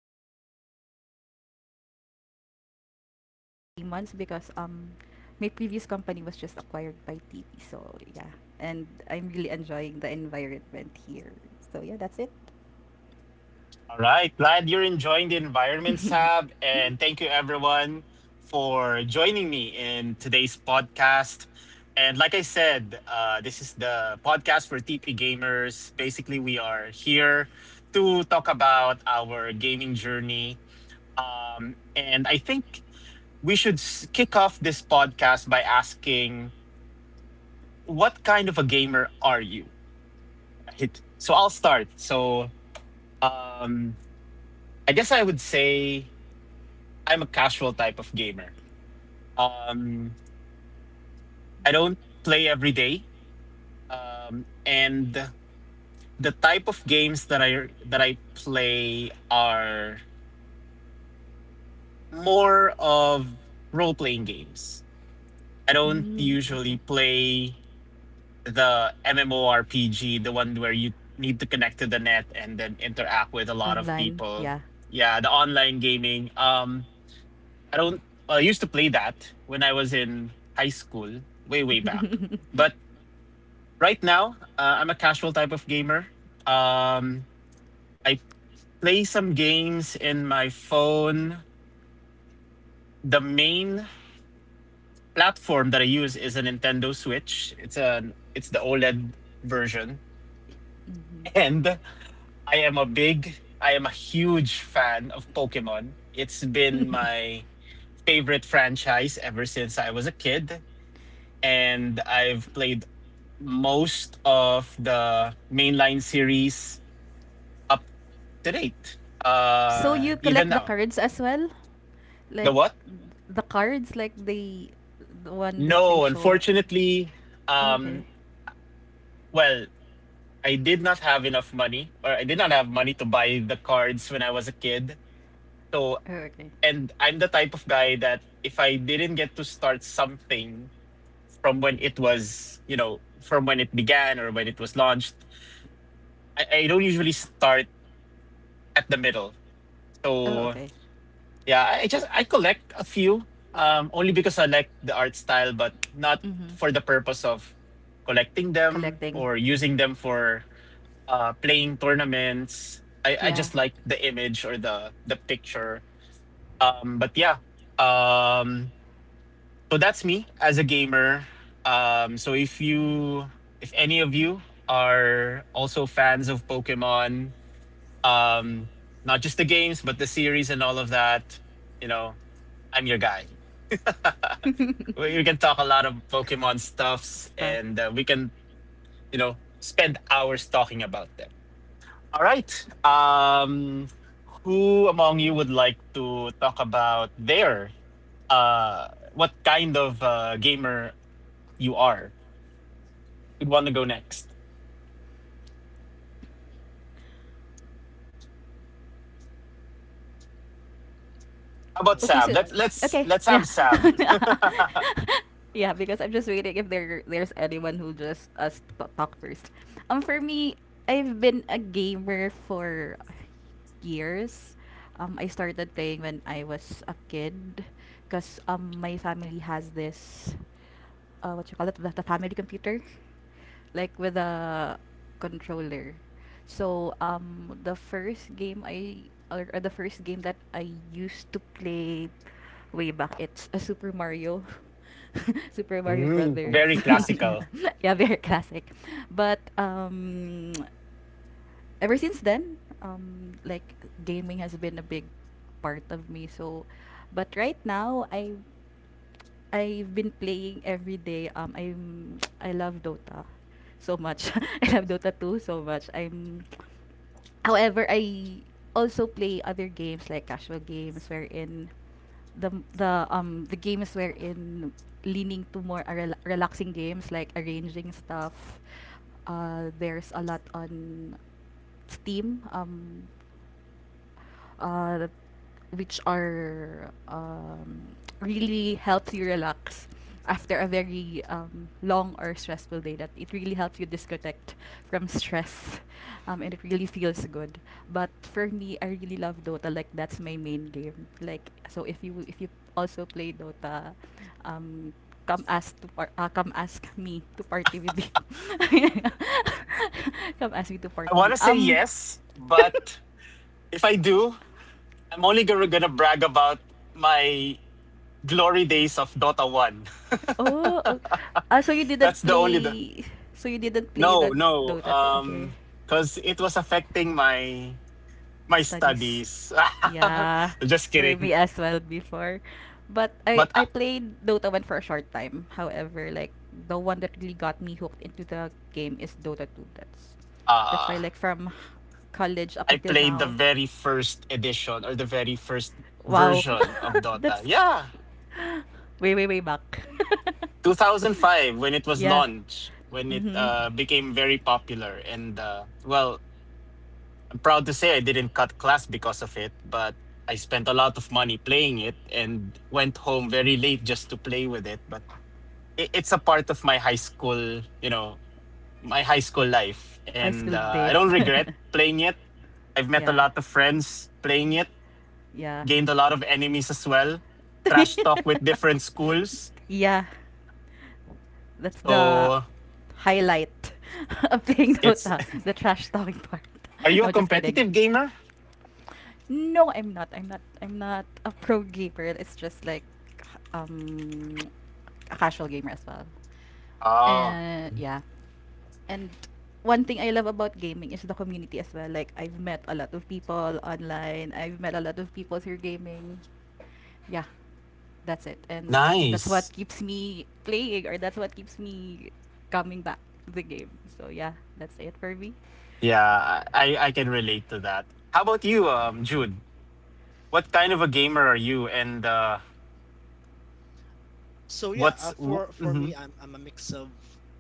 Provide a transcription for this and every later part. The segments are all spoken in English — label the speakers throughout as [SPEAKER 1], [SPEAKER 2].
[SPEAKER 1] TP for 3 months because my previous company was just acquired by TP. So yeah, and I'm really enjoying the environment here. So yeah, that's it. mm, okay. Online, yeah. Mhm. So you collect the cards as well? Like the cards, like the one that they show. Oh, okay. Oh, okay. Oh, okay. Mhm. Collecting. Yeah. Stuff.
[SPEAKER 2] No
[SPEAKER 1] Okay,
[SPEAKER 2] one would
[SPEAKER 1] so
[SPEAKER 2] like?
[SPEAKER 1] okay, yeah,
[SPEAKER 2] Yeah,
[SPEAKER 1] yeah. Because I'm just waiting if there's anyone who just talk first. For me, I've been a gamer for years. I started playing when I was a kid, cause my family has this what you call it, the family computer like with a controller, so the first game that I used to play way back, it's a Super Mario. Super Mario Brothers.
[SPEAKER 2] the classic one.
[SPEAKER 1] Yeah,
[SPEAKER 2] Yeah.
[SPEAKER 1] very classic. But ever since then, like gaming has been a big part of me, so but right now, I've been playing every day. I'm I love Dota so much. I love Dota 2 so much. I'm However, I also play other games like casual games, wherein the the game is wherein leaning to more relaxing games like arranging stuff. There's a lot on Steam. Uh, that- which are, really helps you relax after a very, long or stressful day that it really helps you disconnect from stress. And it really feels good, but for me, I really love Dota, like that's my main game, like so if you also play Dota, um, come ask me to party with you. Come ask me to party with Oh, so you didn't play the Dota 2. Okay. Studies. Yeah. For me as well before. But I played Dota 1 for a short time. However, like the one that really got me hooked into the game is Dota 2. That's why, like from college up until now. Wow. That's way, way, way back. Yeah. Mhm. High school days. Yeah. Yeah. Yeah, that's the highlight of playing Dota, the trash talking part. No, just kidding. No, I'm not. I'm not. I'm not a pro gamer. It's just like, um a casual gamer as well. And yeah. And one thing I love about gaming is the community as well. Like I've met a lot of people online. I've met a lot of people through gaming. Yeah. That's it, and that's what keeps me playing, or that's what keeps me coming back to the game, so yeah, that's it for me.
[SPEAKER 2] So, for me, I'm a mix of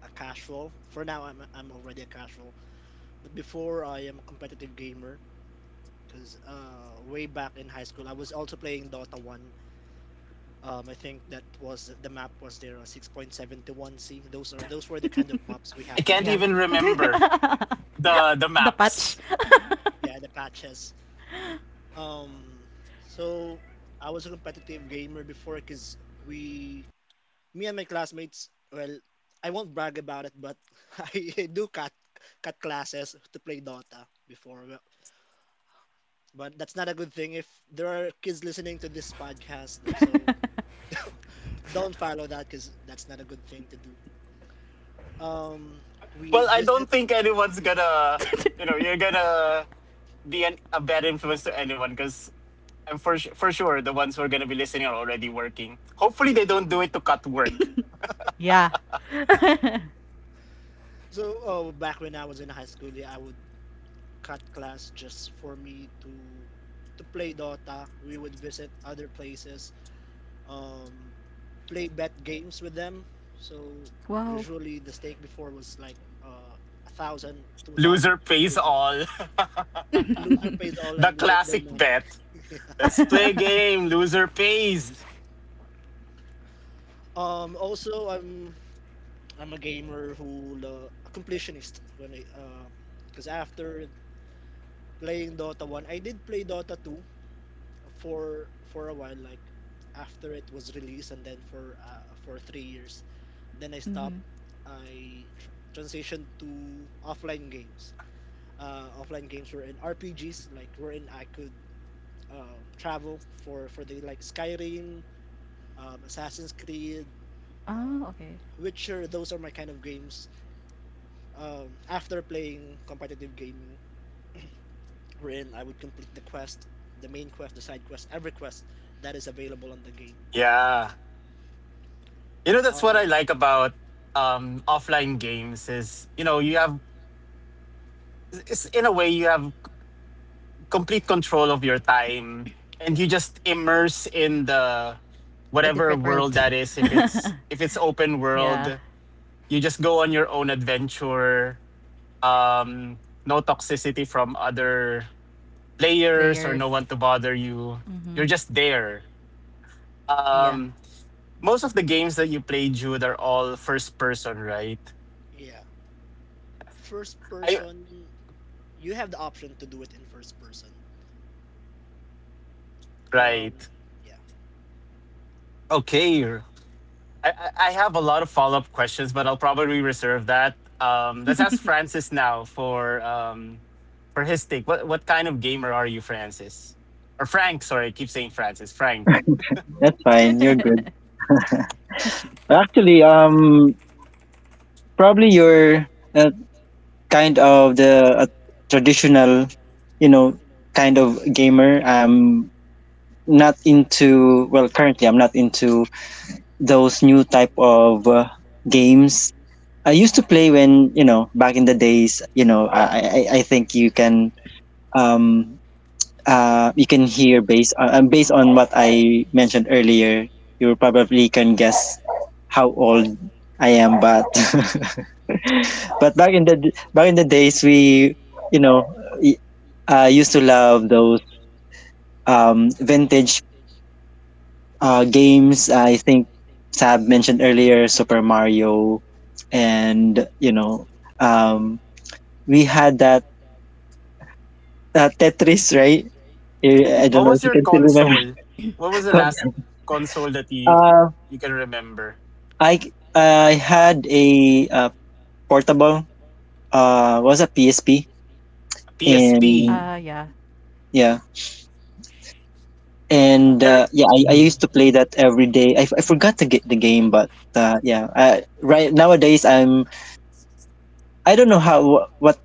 [SPEAKER 2] a casual. For now, I'm already a casual. But before, I am a competitive gamer. Because way back in high school, I was also playing Dota 1. I think that was the map was there, 6.71C. Those were the kind of maps we had
[SPEAKER 1] Yeah,
[SPEAKER 2] before.
[SPEAKER 1] the patch.
[SPEAKER 2] Yeah, the patches. Um, so I was a competitive gamer before because we, me and my classmates, well, I won't brag about it, but I do cut classes to play Dota before. But that's not a good thing if there are kids listening to this podcast. So don't follow that because that's not a good thing to do. Um, we visit.
[SPEAKER 1] Yeah.
[SPEAKER 2] So back when I was in high school, yeah, I would cut class just for me to play Dota. We would visit other places, um, play bet games with them. So
[SPEAKER 1] Wow.
[SPEAKER 2] usually the stake before was like uh, 1,000, 2,000. The biggest
[SPEAKER 1] Mm-hmm.
[SPEAKER 2] loser pays all, and you get their money. Yeah. Also, I'm a gamer a completionist when I 'cause because after playing Dota 1, I did play Dota 2 for a while, like after it was released, and then for 3 years. Then I stopped. I transitioned to offline games. Offline games were in RPGs, like wherein I could travel for the like Skyrim, Assassin's Creed,
[SPEAKER 1] Oh,
[SPEAKER 2] um,
[SPEAKER 1] okay.
[SPEAKER 2] Witcher. Those are my kind of games after playing competitive gaming, wherein I would complete the quest, the main quest, the side quest, every quest that is available on the game. Um, yeah,
[SPEAKER 1] A different world. Yeah. Players. Mm-hmm. Yeah.
[SPEAKER 2] yeah. First person, you have the option to do it in first person. Um, yeah,
[SPEAKER 3] That's fine, you're good. Actually, um, Probably you're uh, kind of the traditional, you know, kind of gamer. Not into, well, currently I'm not into those new type of games I used to play when, you know, back in the days, you know, I think um you can hear based on based on what I mentioned earlier you probably can guess how old I am, but but back in the days we, you know, y- used to love those vintage games. I think Sab mentioned earlier, Super Mario, and, you know, um, we had that Tetris, right? I I don't know if you can still remember that one. Uh, I I had a portable. Was a PSP, and
[SPEAKER 1] Yeah.
[SPEAKER 3] yeah,
[SPEAKER 2] a
[SPEAKER 3] and
[SPEAKER 2] class.
[SPEAKER 3] yeah, I used to play that every day. I forgot to get the game, but yeah, I, right, nowadays I'm, I don't know how, what,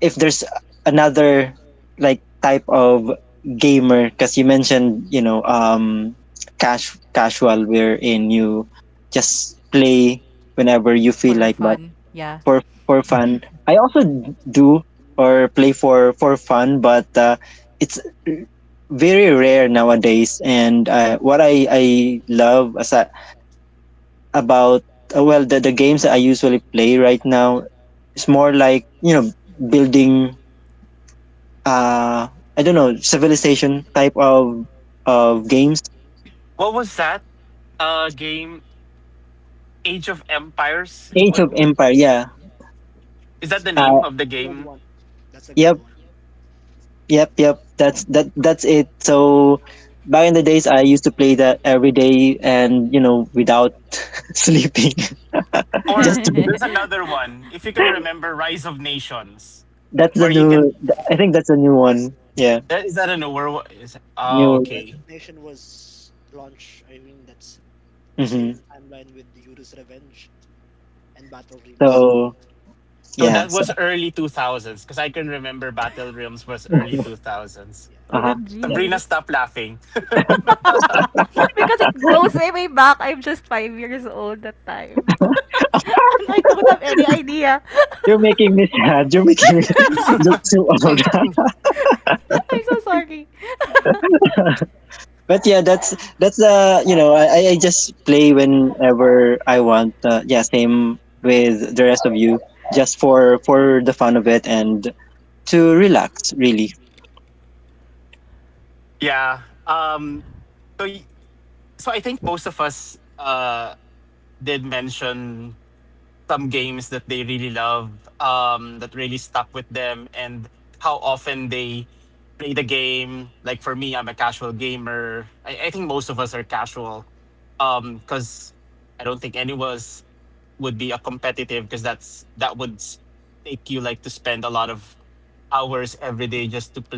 [SPEAKER 3] if there's another like type of gamer because you mentioned, you know, cash casual wherein you just play whenever you feel like, but for fun I also do, or play for fun, but it's very rare nowadays, and what I love as a, about well, the games that I usually play right now is more like, you know, building uh I don't know, civilization type of games. Age of Empire, yeah.
[SPEAKER 2] That's a cla-
[SPEAKER 3] Uh,
[SPEAKER 2] Gold one. That's a
[SPEAKER 3] yep,
[SPEAKER 2] gold one.
[SPEAKER 3] yep. That's it. So back in the days, I used to play that every day, and you know, without sleeping,
[SPEAKER 1] I love
[SPEAKER 3] just to be.
[SPEAKER 1] aside.
[SPEAKER 3] That's the new. I think that's a new one. Yeah,
[SPEAKER 2] Yeah.
[SPEAKER 3] new.
[SPEAKER 2] Resignation was launched. I mean, that's the
[SPEAKER 3] Hmm.
[SPEAKER 2] same timeline with Yuri's Revenge and Battle Dreams.
[SPEAKER 3] So yeah. So
[SPEAKER 2] Yeah.
[SPEAKER 3] uh huh. Yeah.
[SPEAKER 1] OMG, that's because it goes way, way back. I'm just 5 years old that time. And I don't have any idea.
[SPEAKER 3] You're making me sad. You're making me look too old.
[SPEAKER 1] I'm so sorry.
[SPEAKER 3] But yeah, that's you know, I just play whenever I want, yeah, same with the rest of you, just for the fun of it and to relax, really.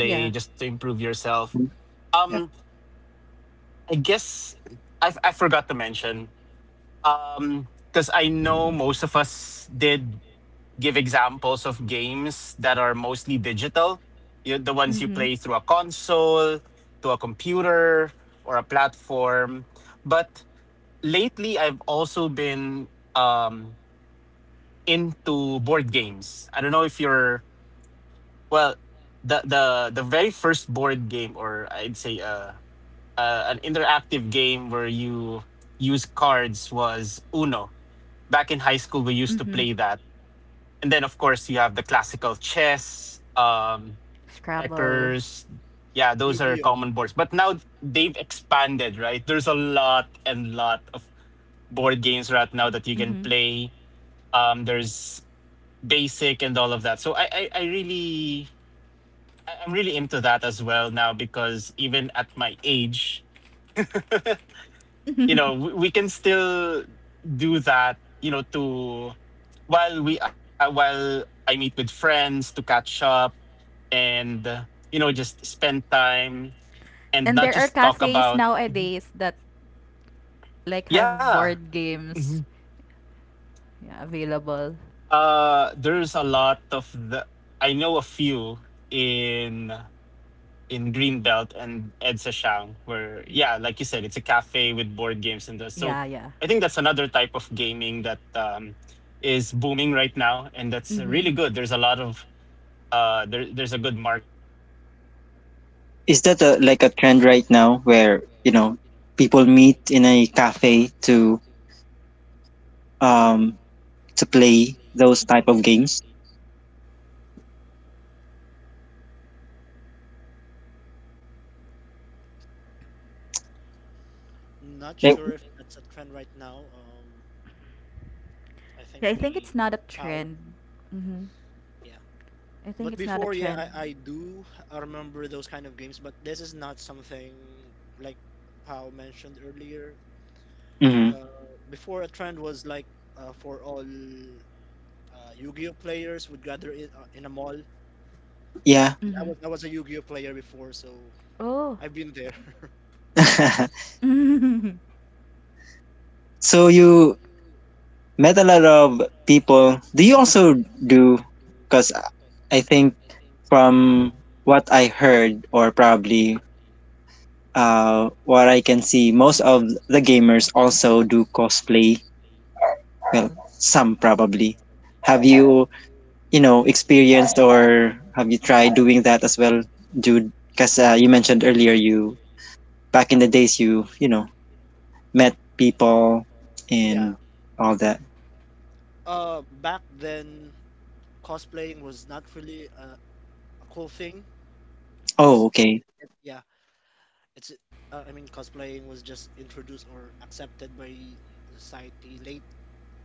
[SPEAKER 1] Yeah.
[SPEAKER 3] Hmm. Yeah.
[SPEAKER 1] Mm-hmm. Mm-hmm. Scrabble.
[SPEAKER 2] Yu-Gi-Oh.
[SPEAKER 1] Mm-hmm. And there are cafes nowadays that like have board games, yeah, available. Y- Yeah, yeah. Mm-hmm.
[SPEAKER 3] Is that a, like a trend right now where, you know, people meet in a cafe um to play those type of games
[SPEAKER 2] Not
[SPEAKER 3] like?
[SPEAKER 2] sure if that's a trend right now. I
[SPEAKER 1] Yeah,
[SPEAKER 2] think
[SPEAKER 1] I think
[SPEAKER 2] we
[SPEAKER 1] it's not a
[SPEAKER 2] lost Powell.
[SPEAKER 1] trend. Mm-hmm.
[SPEAKER 2] Yeah.
[SPEAKER 1] I think
[SPEAKER 2] But
[SPEAKER 1] it's not a
[SPEAKER 2] before,
[SPEAKER 1] trend.
[SPEAKER 2] yeah, I do remember those kind of games, but this is not something like Powell mentioned earlier.
[SPEAKER 3] Hmm.
[SPEAKER 2] Uh, Before, a trend was like for all Yu-Gi-Oh players would gather in a mall.
[SPEAKER 3] Yeah.
[SPEAKER 2] 'Cause I
[SPEAKER 1] Mm-hmm.
[SPEAKER 2] was I was a Yu-Gi-Oh player before, so
[SPEAKER 1] Oh.
[SPEAKER 2] I've been there.
[SPEAKER 1] Mm-hmm.
[SPEAKER 3] So you met a lot of people, do you also do, because I think, from what I heard, or probably what I can see, most of the gamers also do cosplay. Well, some probably. Have you, you know, experienced or have you tried doing that as well, Jude? Because you mentioned earlier, you, back in the days, you know, met people
[SPEAKER 2] Yeah.
[SPEAKER 3] and all that.
[SPEAKER 2] Back then, cosplaying was not really a cool thing
[SPEAKER 3] Oh,
[SPEAKER 2] because
[SPEAKER 3] okay.
[SPEAKER 2] yeah, it's I mean, cosplaying was just introduced or accepted by the society late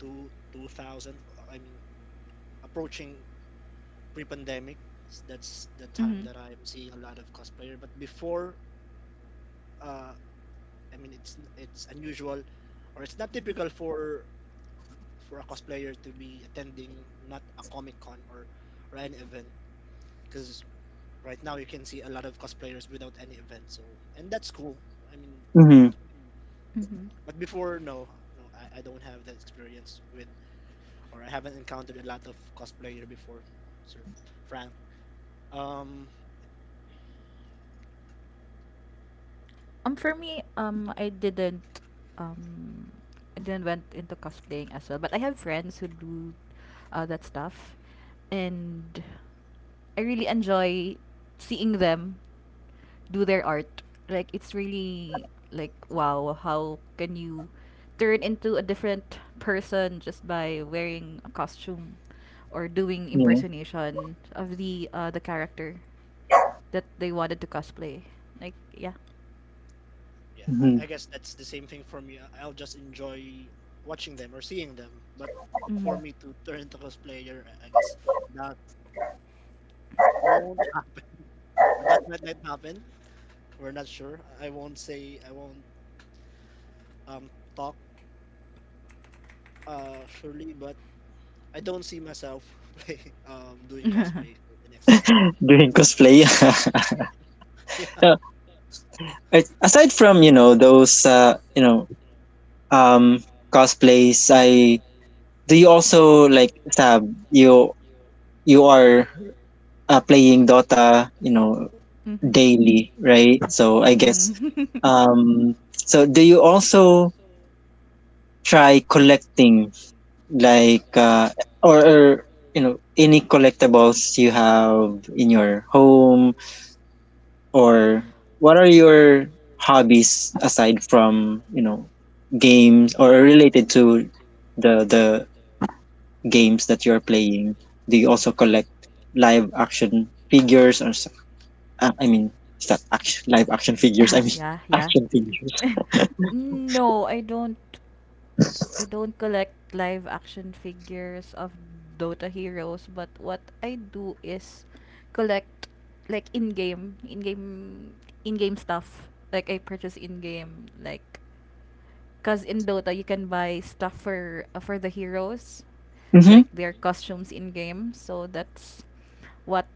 [SPEAKER 2] to 2000. I mean, approaching pre-pandemic. That's the time
[SPEAKER 1] Mm-hmm.
[SPEAKER 2] that I'm seeing a lot of cosplayer. But before, uh, I mean, it's unusual, or it's not typical for a cosplayer to be attending not a comic con or an event, because right now you can see a lot of cosplayers without any event, so and that's cool, I mean.
[SPEAKER 3] Mm-hmm.
[SPEAKER 2] But before, no, I don't have that experience with, or I haven't encountered a lot of cosplayer before, Sir Frank. Um,
[SPEAKER 1] For me, um, I didn't went into cosplaying as well. But I have friends who do, that stuff, and I really enjoy seeing them do their art. Like it's really like wow, how can you turn into a different person just by wearing a costume or doing
[SPEAKER 3] Yeah.
[SPEAKER 1] impersonation of the character that they wanted to cosplay. Like yeah.
[SPEAKER 2] yeah,
[SPEAKER 3] Mm-hmm.
[SPEAKER 2] I guess that's the same thing for me. I'll just enjoy watching them or seeing them. But for
[SPEAKER 1] Mhm.
[SPEAKER 2] me to turn into cosplayer, I guess that won't happen, or that might not happen. We're not sure. I won't say, I won't um talk uh surely, but I don't see myself play, doing
[SPEAKER 1] Mhm.
[SPEAKER 2] cosplay for the next few years.
[SPEAKER 3] Doing cosplay.
[SPEAKER 2] Yeah, yeah,
[SPEAKER 3] Aside from, you know, those, you know, um cosplays, I do you also, like Sab, you you are playing Dota, you know, daily, right? So I guess,
[SPEAKER 1] Mhm.
[SPEAKER 3] so do you also try collecting like, or, you know, any collectibles you have in your home, or what are your hobbies aside from, you know, games or related to the games that you're playing? Do you also collect live action figures or I mean, is that action, live action figures? I mean,
[SPEAKER 1] Yeah, yeah.
[SPEAKER 3] action figures.
[SPEAKER 1] No, I don't collect live action figures of Dota heroes, but what I do is collect like in-game stuff. Like I purchase in-game, like cause in Dota you can buy stuff for the heroes,
[SPEAKER 3] Mm-hmm.
[SPEAKER 1] like their costumes in game. So that's what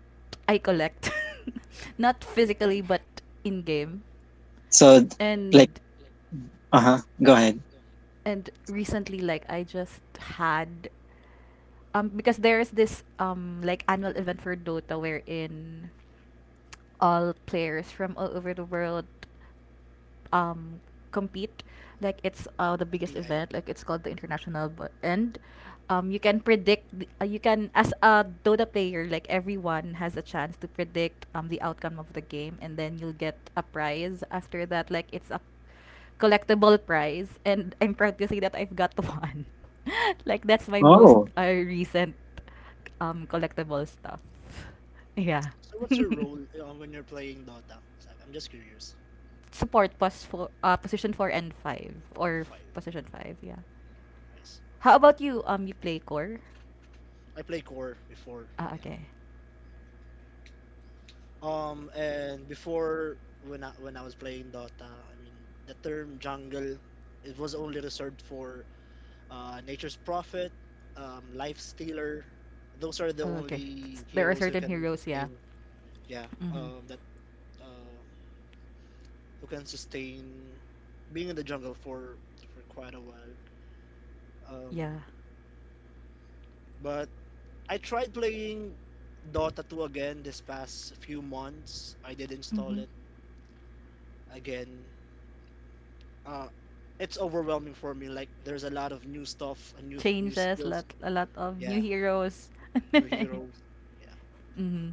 [SPEAKER 1] I collect, not physically but in game.
[SPEAKER 3] So, like,
[SPEAKER 1] And
[SPEAKER 3] uh huh. Go ahead.
[SPEAKER 1] and recently, like I just had, because there's this like annual event for Dota wherein all players from all over the world um compete, like it's the biggest
[SPEAKER 2] TI.
[SPEAKER 1] event, like it's called The International. But and you can predict you can, as a Dota player, like everyone has a chance to predict the outcome of the game, and then you'll get a prize after that, like it's a collectible prize. And I'm proud to say that I've got one, like that's my most
[SPEAKER 3] Oh.
[SPEAKER 1] recent collectible stuff. Yeah.
[SPEAKER 2] So what's your role when you're playing Dota? Zach? I'm just curious.
[SPEAKER 1] Support pos for position 4 and 5, or
[SPEAKER 2] Fire.
[SPEAKER 1] position 5. Yeah.
[SPEAKER 2] I see.
[SPEAKER 1] How about you? You play core?
[SPEAKER 2] I play core before,
[SPEAKER 1] Ah,
[SPEAKER 2] yeah.
[SPEAKER 1] okay.
[SPEAKER 2] And before, when I was playing Dota, I mean the term jungle, it was only reserved for Nature's Prophet, Life Stealer. Those are the
[SPEAKER 1] Okay.
[SPEAKER 2] only
[SPEAKER 1] There are
[SPEAKER 2] heroes who
[SPEAKER 1] certain
[SPEAKER 2] can
[SPEAKER 1] heroes. Yeah.
[SPEAKER 2] sustain, yeah,
[SPEAKER 1] Mm-hmm.
[SPEAKER 2] that uh, who can sustain being in the jungle for quite a while.
[SPEAKER 1] Yeah.
[SPEAKER 2] Um, but I tried playing Dota 2 again this past few months. I did install
[SPEAKER 1] Mm-hmm.
[SPEAKER 2] it again. Uh, it's overwhelming for me. Like, there's a lot of new stuff, and new
[SPEAKER 1] Changes,
[SPEAKER 2] skills,
[SPEAKER 1] lot, a lot of new
[SPEAKER 2] yeah,
[SPEAKER 1] heroes.
[SPEAKER 2] new heroes, yeah.
[SPEAKER 1] Mm-hmm.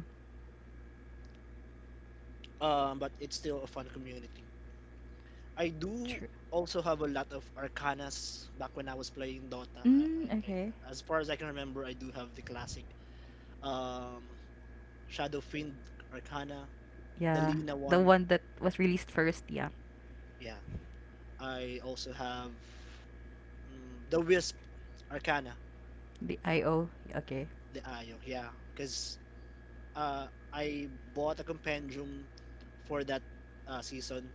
[SPEAKER 2] But it's still a fun community. I do
[SPEAKER 1] True.
[SPEAKER 2] also have a lot of arcanas back when I was playing Dota.
[SPEAKER 1] Mm, okay.
[SPEAKER 2] As far as I can remember, I do have the classic um, Shadow Fiend Arcana, the
[SPEAKER 1] Yeah,
[SPEAKER 2] Lina
[SPEAKER 1] the
[SPEAKER 2] one.
[SPEAKER 1] one that was released first. Yeah,
[SPEAKER 2] Yeah, I also have. Mm, the Wisp Arcana,
[SPEAKER 1] the Io. Okay.
[SPEAKER 2] the Ayo, yeah. Because I bought a compendium for that season,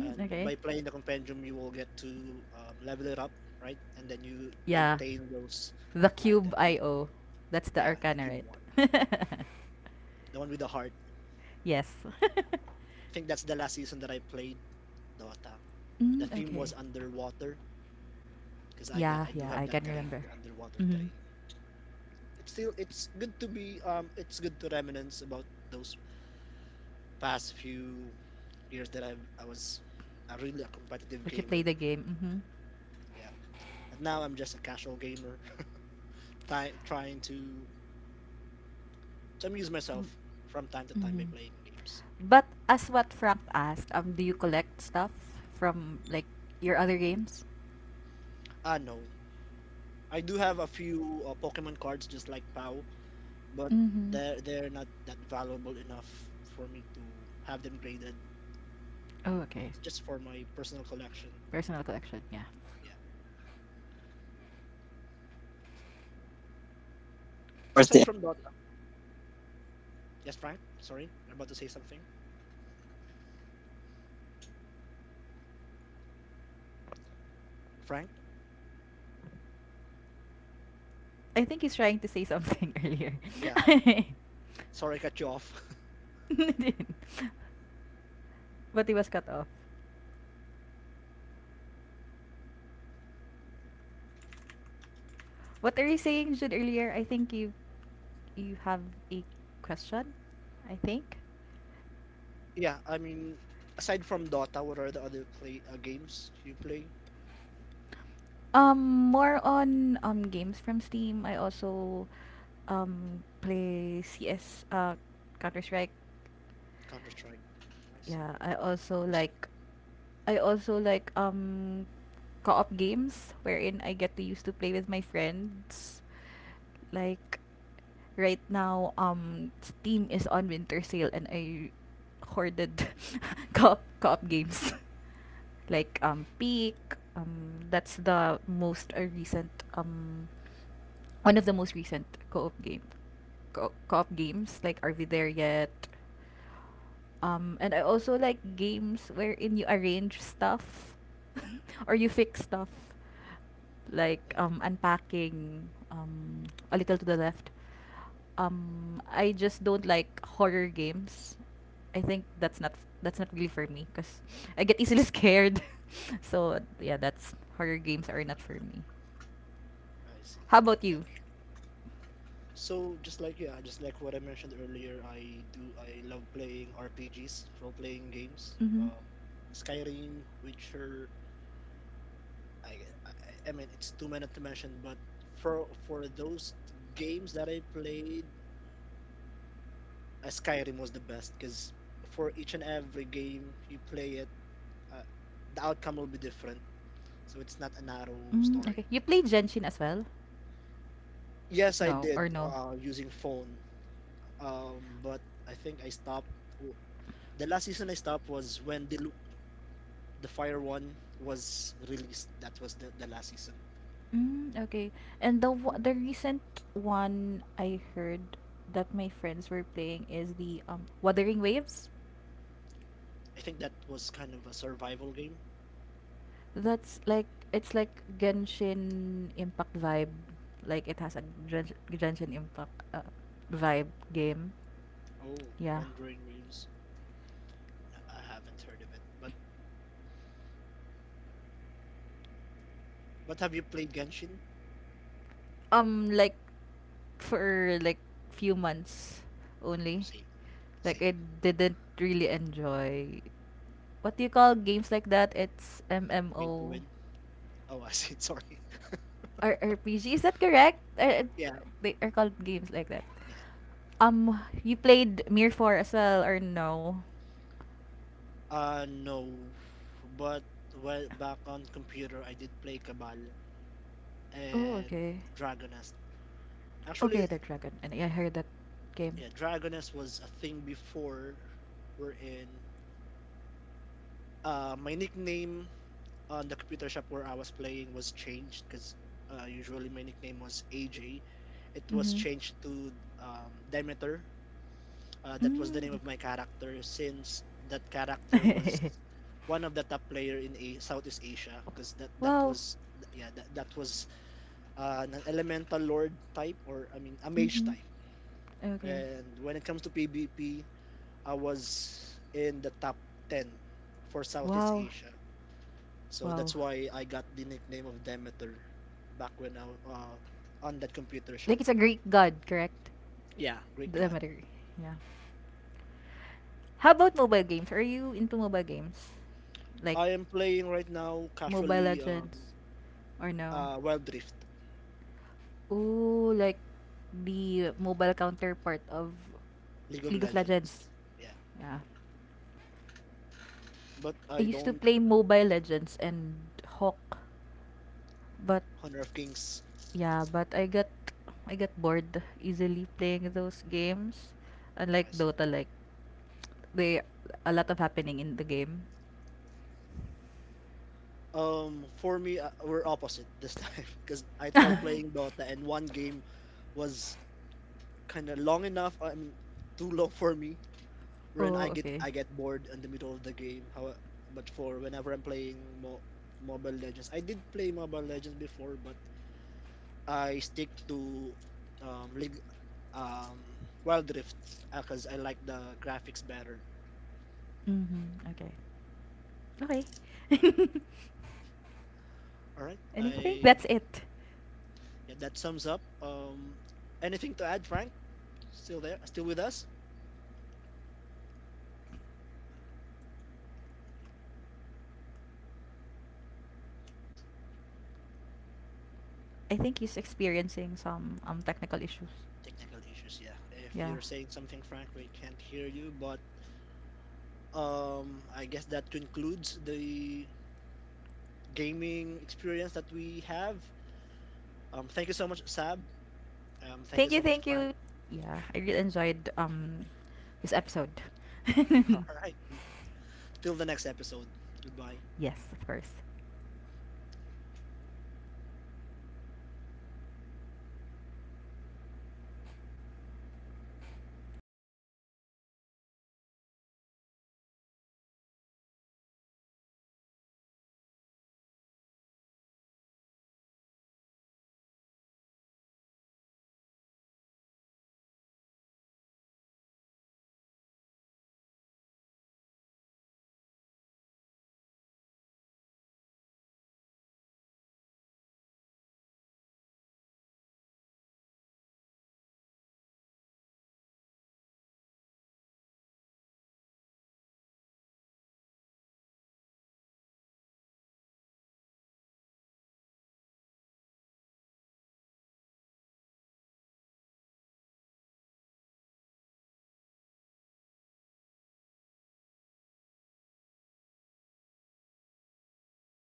[SPEAKER 2] and
[SPEAKER 1] Okay.
[SPEAKER 2] by playing the compendium, you will get to level it up, right? And then you
[SPEAKER 1] Yeah.
[SPEAKER 2] obtain those
[SPEAKER 1] The cube
[SPEAKER 2] items. And
[SPEAKER 1] IO. That's the
[SPEAKER 2] yeah, the
[SPEAKER 1] arcana,
[SPEAKER 2] cube
[SPEAKER 1] right?
[SPEAKER 2] one, the one with the heart.
[SPEAKER 1] Yes.
[SPEAKER 2] I think that's the last season that I played Dota. The
[SPEAKER 1] Mm,
[SPEAKER 2] theme
[SPEAKER 1] okay.
[SPEAKER 2] was underwater because
[SPEAKER 1] Yeah,
[SPEAKER 2] I do
[SPEAKER 1] yeah,
[SPEAKER 2] have
[SPEAKER 1] I
[SPEAKER 2] that
[SPEAKER 1] can
[SPEAKER 2] terrain,
[SPEAKER 1] remember.
[SPEAKER 2] the underwater
[SPEAKER 1] Mm-hmm.
[SPEAKER 2] terrain. It's good to be it's good to reminisce about those past few years that I was a really a competitive
[SPEAKER 1] But you play
[SPEAKER 2] gamer.
[SPEAKER 1] the game. Mm-hmm.
[SPEAKER 2] Yeah, and now I'm just a casual gamer, trying to amuse myself from time to time by
[SPEAKER 1] Mm-hmm.
[SPEAKER 2] playing games.
[SPEAKER 1] But as what Frank asked, do you collect stuff from like your other games?
[SPEAKER 2] Ah no, I do have a few Pokemon cards just like Pow, but
[SPEAKER 1] Mm-hmm.
[SPEAKER 2] they're not that valuable enough for me to have them graded.
[SPEAKER 1] Oh, okay.
[SPEAKER 2] It's just for my personal collection.
[SPEAKER 1] Personal collection, yeah.
[SPEAKER 2] Yeah.
[SPEAKER 3] Oh wow. All right. So I think we are nearing
[SPEAKER 2] So
[SPEAKER 3] towards the
[SPEAKER 2] aside
[SPEAKER 3] end
[SPEAKER 2] from
[SPEAKER 3] of
[SPEAKER 2] Dota,
[SPEAKER 3] our
[SPEAKER 2] yes, Frank.
[SPEAKER 3] podcast.
[SPEAKER 2] Sorry,
[SPEAKER 3] So
[SPEAKER 2] you're about to say something,
[SPEAKER 3] can you hear me?
[SPEAKER 2] Frank.
[SPEAKER 3] Can you, can you still hear me?
[SPEAKER 1] I think he's trying to say something earlier.
[SPEAKER 2] Yeah. Sorry, I cut you off.
[SPEAKER 3] No, no.
[SPEAKER 1] But he was cut off. What are you saying, Jude, earlier? I think you have a question, I think.
[SPEAKER 2] Yeah, I mean, aside from Dota, what are the other play games you play?
[SPEAKER 1] Um More on games from Steam. I also play CS, Counter-Strike.
[SPEAKER 2] Counter Strike. I see.
[SPEAKER 1] Yeah, I also
[SPEAKER 2] Res-
[SPEAKER 1] like I also like co-op games wherein I get to used to play with my friends. Like right now, Steam is on winter sale and I hoarded co-op games. Like Peak, that's the most recent, one of the most recent co-op games, like Are We There Yet? And I also like games wherein you arrange stuff or you fix stuff, like
[SPEAKER 2] mm,
[SPEAKER 1] unpacking, a little to the left. I just don't like horror games. I think that's not really for me because I get easily scared. So yeah, that's horror games are not for me.
[SPEAKER 2] I see.
[SPEAKER 1] How about
[SPEAKER 2] Yeah.
[SPEAKER 1] you?
[SPEAKER 2] So just like yeah, just like what I mentioned earlier, I love playing RPGs, role-playing games.
[SPEAKER 1] Mhm.
[SPEAKER 2] Skyrim, Witcher. I, I mean, it's too many to mention, but for those games that I played, Skyrim was the best because for each and every game you play it, uh, the outcome will be different, so it's not a narrow
[SPEAKER 1] Mm,
[SPEAKER 2] story.
[SPEAKER 1] okay. You play Genshin as well?
[SPEAKER 2] Yes, I
[SPEAKER 1] No, or
[SPEAKER 2] did
[SPEAKER 1] no?
[SPEAKER 2] using phone, but I think I stopped. w- The last season I stopped was when the Fire One was released. That was the last season.
[SPEAKER 1] Mm, okay. And
[SPEAKER 2] The-
[SPEAKER 1] the recent one I heard that my friends were playing is the Wuthering Waves.
[SPEAKER 2] I think that was kind of a survival game.
[SPEAKER 1] That's like it's like Genshin Impact vibe. Like it has a Genshin Impact vibe game.
[SPEAKER 2] Oh,
[SPEAKER 1] Yeah.
[SPEAKER 2] Wandering Waves. No, I haven't heard of it. But have you played Genshin?
[SPEAKER 1] Like, for like few months only.
[SPEAKER 2] Same,
[SPEAKER 1] Like
[SPEAKER 2] same.
[SPEAKER 1] I didn't really enjoy, what do you call games like that? It's
[SPEAKER 2] Way to
[SPEAKER 1] MMO
[SPEAKER 2] win. Oh, I see. Sorry.
[SPEAKER 1] or RPG. Is that correct?
[SPEAKER 2] Yeah,
[SPEAKER 1] They are called games like that.
[SPEAKER 2] yeah.
[SPEAKER 1] You played Mir 4 as well or no?
[SPEAKER 2] No. But well, back on computer, I did play Cabal,
[SPEAKER 1] Oh,
[SPEAKER 2] and
[SPEAKER 1] okay.
[SPEAKER 2] Dragonest. Actually,
[SPEAKER 1] Okay, the dragon. And I heard that game.
[SPEAKER 2] yeah, Dragonest was a thing before we're in. My nickname on the computer shop where I was playing was changed because usually my nickname was AJ. It was
[SPEAKER 1] Mm-hmm.
[SPEAKER 2] changed to Demeter. That was the name of my character, since that character was
[SPEAKER 1] Mm.
[SPEAKER 2] one of the top player in Southeast Asia, because that
[SPEAKER 1] Wow.
[SPEAKER 2] was yeah, that was an elemental lord type, or I mean, a mage
[SPEAKER 1] Mm-hmm.
[SPEAKER 2] type.
[SPEAKER 1] Okay.
[SPEAKER 2] And when it comes to PvP, I was in the top 10 for Southeast
[SPEAKER 1] Wow.
[SPEAKER 2] Asia. So
[SPEAKER 1] Wow.
[SPEAKER 2] that's why I got the nickname of Demeter back when I uh, on that computer shop.
[SPEAKER 1] Like it's a Greek god, correct?
[SPEAKER 2] Yeah, great god.
[SPEAKER 1] Demeter. Yeah. How about mobile games? Are you into mobile games? Like
[SPEAKER 2] I am playing right now
[SPEAKER 1] Mobile
[SPEAKER 2] casually
[SPEAKER 1] Legends or no?
[SPEAKER 2] Wild Rift,
[SPEAKER 1] Ooh, like the mobile counterpart of
[SPEAKER 2] League of
[SPEAKER 1] League of
[SPEAKER 2] Legends.
[SPEAKER 1] Legends.
[SPEAKER 2] Yeah,
[SPEAKER 1] Yeah.
[SPEAKER 2] but
[SPEAKER 1] I
[SPEAKER 2] I
[SPEAKER 1] used to
[SPEAKER 2] don't.
[SPEAKER 1] play Mobile Legends and Hawk, but
[SPEAKER 2] Honor of Kings.
[SPEAKER 1] yeah, but I got bored easily playing those games.
[SPEAKER 2] I
[SPEAKER 1] Unlike
[SPEAKER 2] see.
[SPEAKER 1] Dota, like they a lot of happening in the game.
[SPEAKER 2] For me, we're opposite this time, because I tried playing Dota and one game was kind of long enough. I mean, too long for me. When
[SPEAKER 1] Oh, okay.
[SPEAKER 2] I get bored in the middle of the game. How, but for whenever I'm playing Mobile Legends, I did play Mobile Legends before, but I stick to League, um, Wild Rift, because I like the graphics better.
[SPEAKER 1] Mhm. Okay. Okay.
[SPEAKER 2] All right,
[SPEAKER 1] Anything?
[SPEAKER 2] I
[SPEAKER 1] That's it.
[SPEAKER 2] yeah, that sums up. Anything to add, Frank? Still there? Still with us?
[SPEAKER 3] I think I got disconnected.
[SPEAKER 1] I think he's experiencing some technical issues.
[SPEAKER 2] Technical issues, yeah. If
[SPEAKER 1] Yeah.
[SPEAKER 2] you're saying something, Frank, we can't hear you, but I guess that concludes the gaming experience that we have. Thank you so much, Sab. Thank you
[SPEAKER 1] Thank you,
[SPEAKER 2] so much,
[SPEAKER 1] thank
[SPEAKER 2] Frank.
[SPEAKER 1] you. Yeah, I really enjoyed this episode.
[SPEAKER 2] All right. Till the next episode. Goodbye.
[SPEAKER 1] Yes, of course.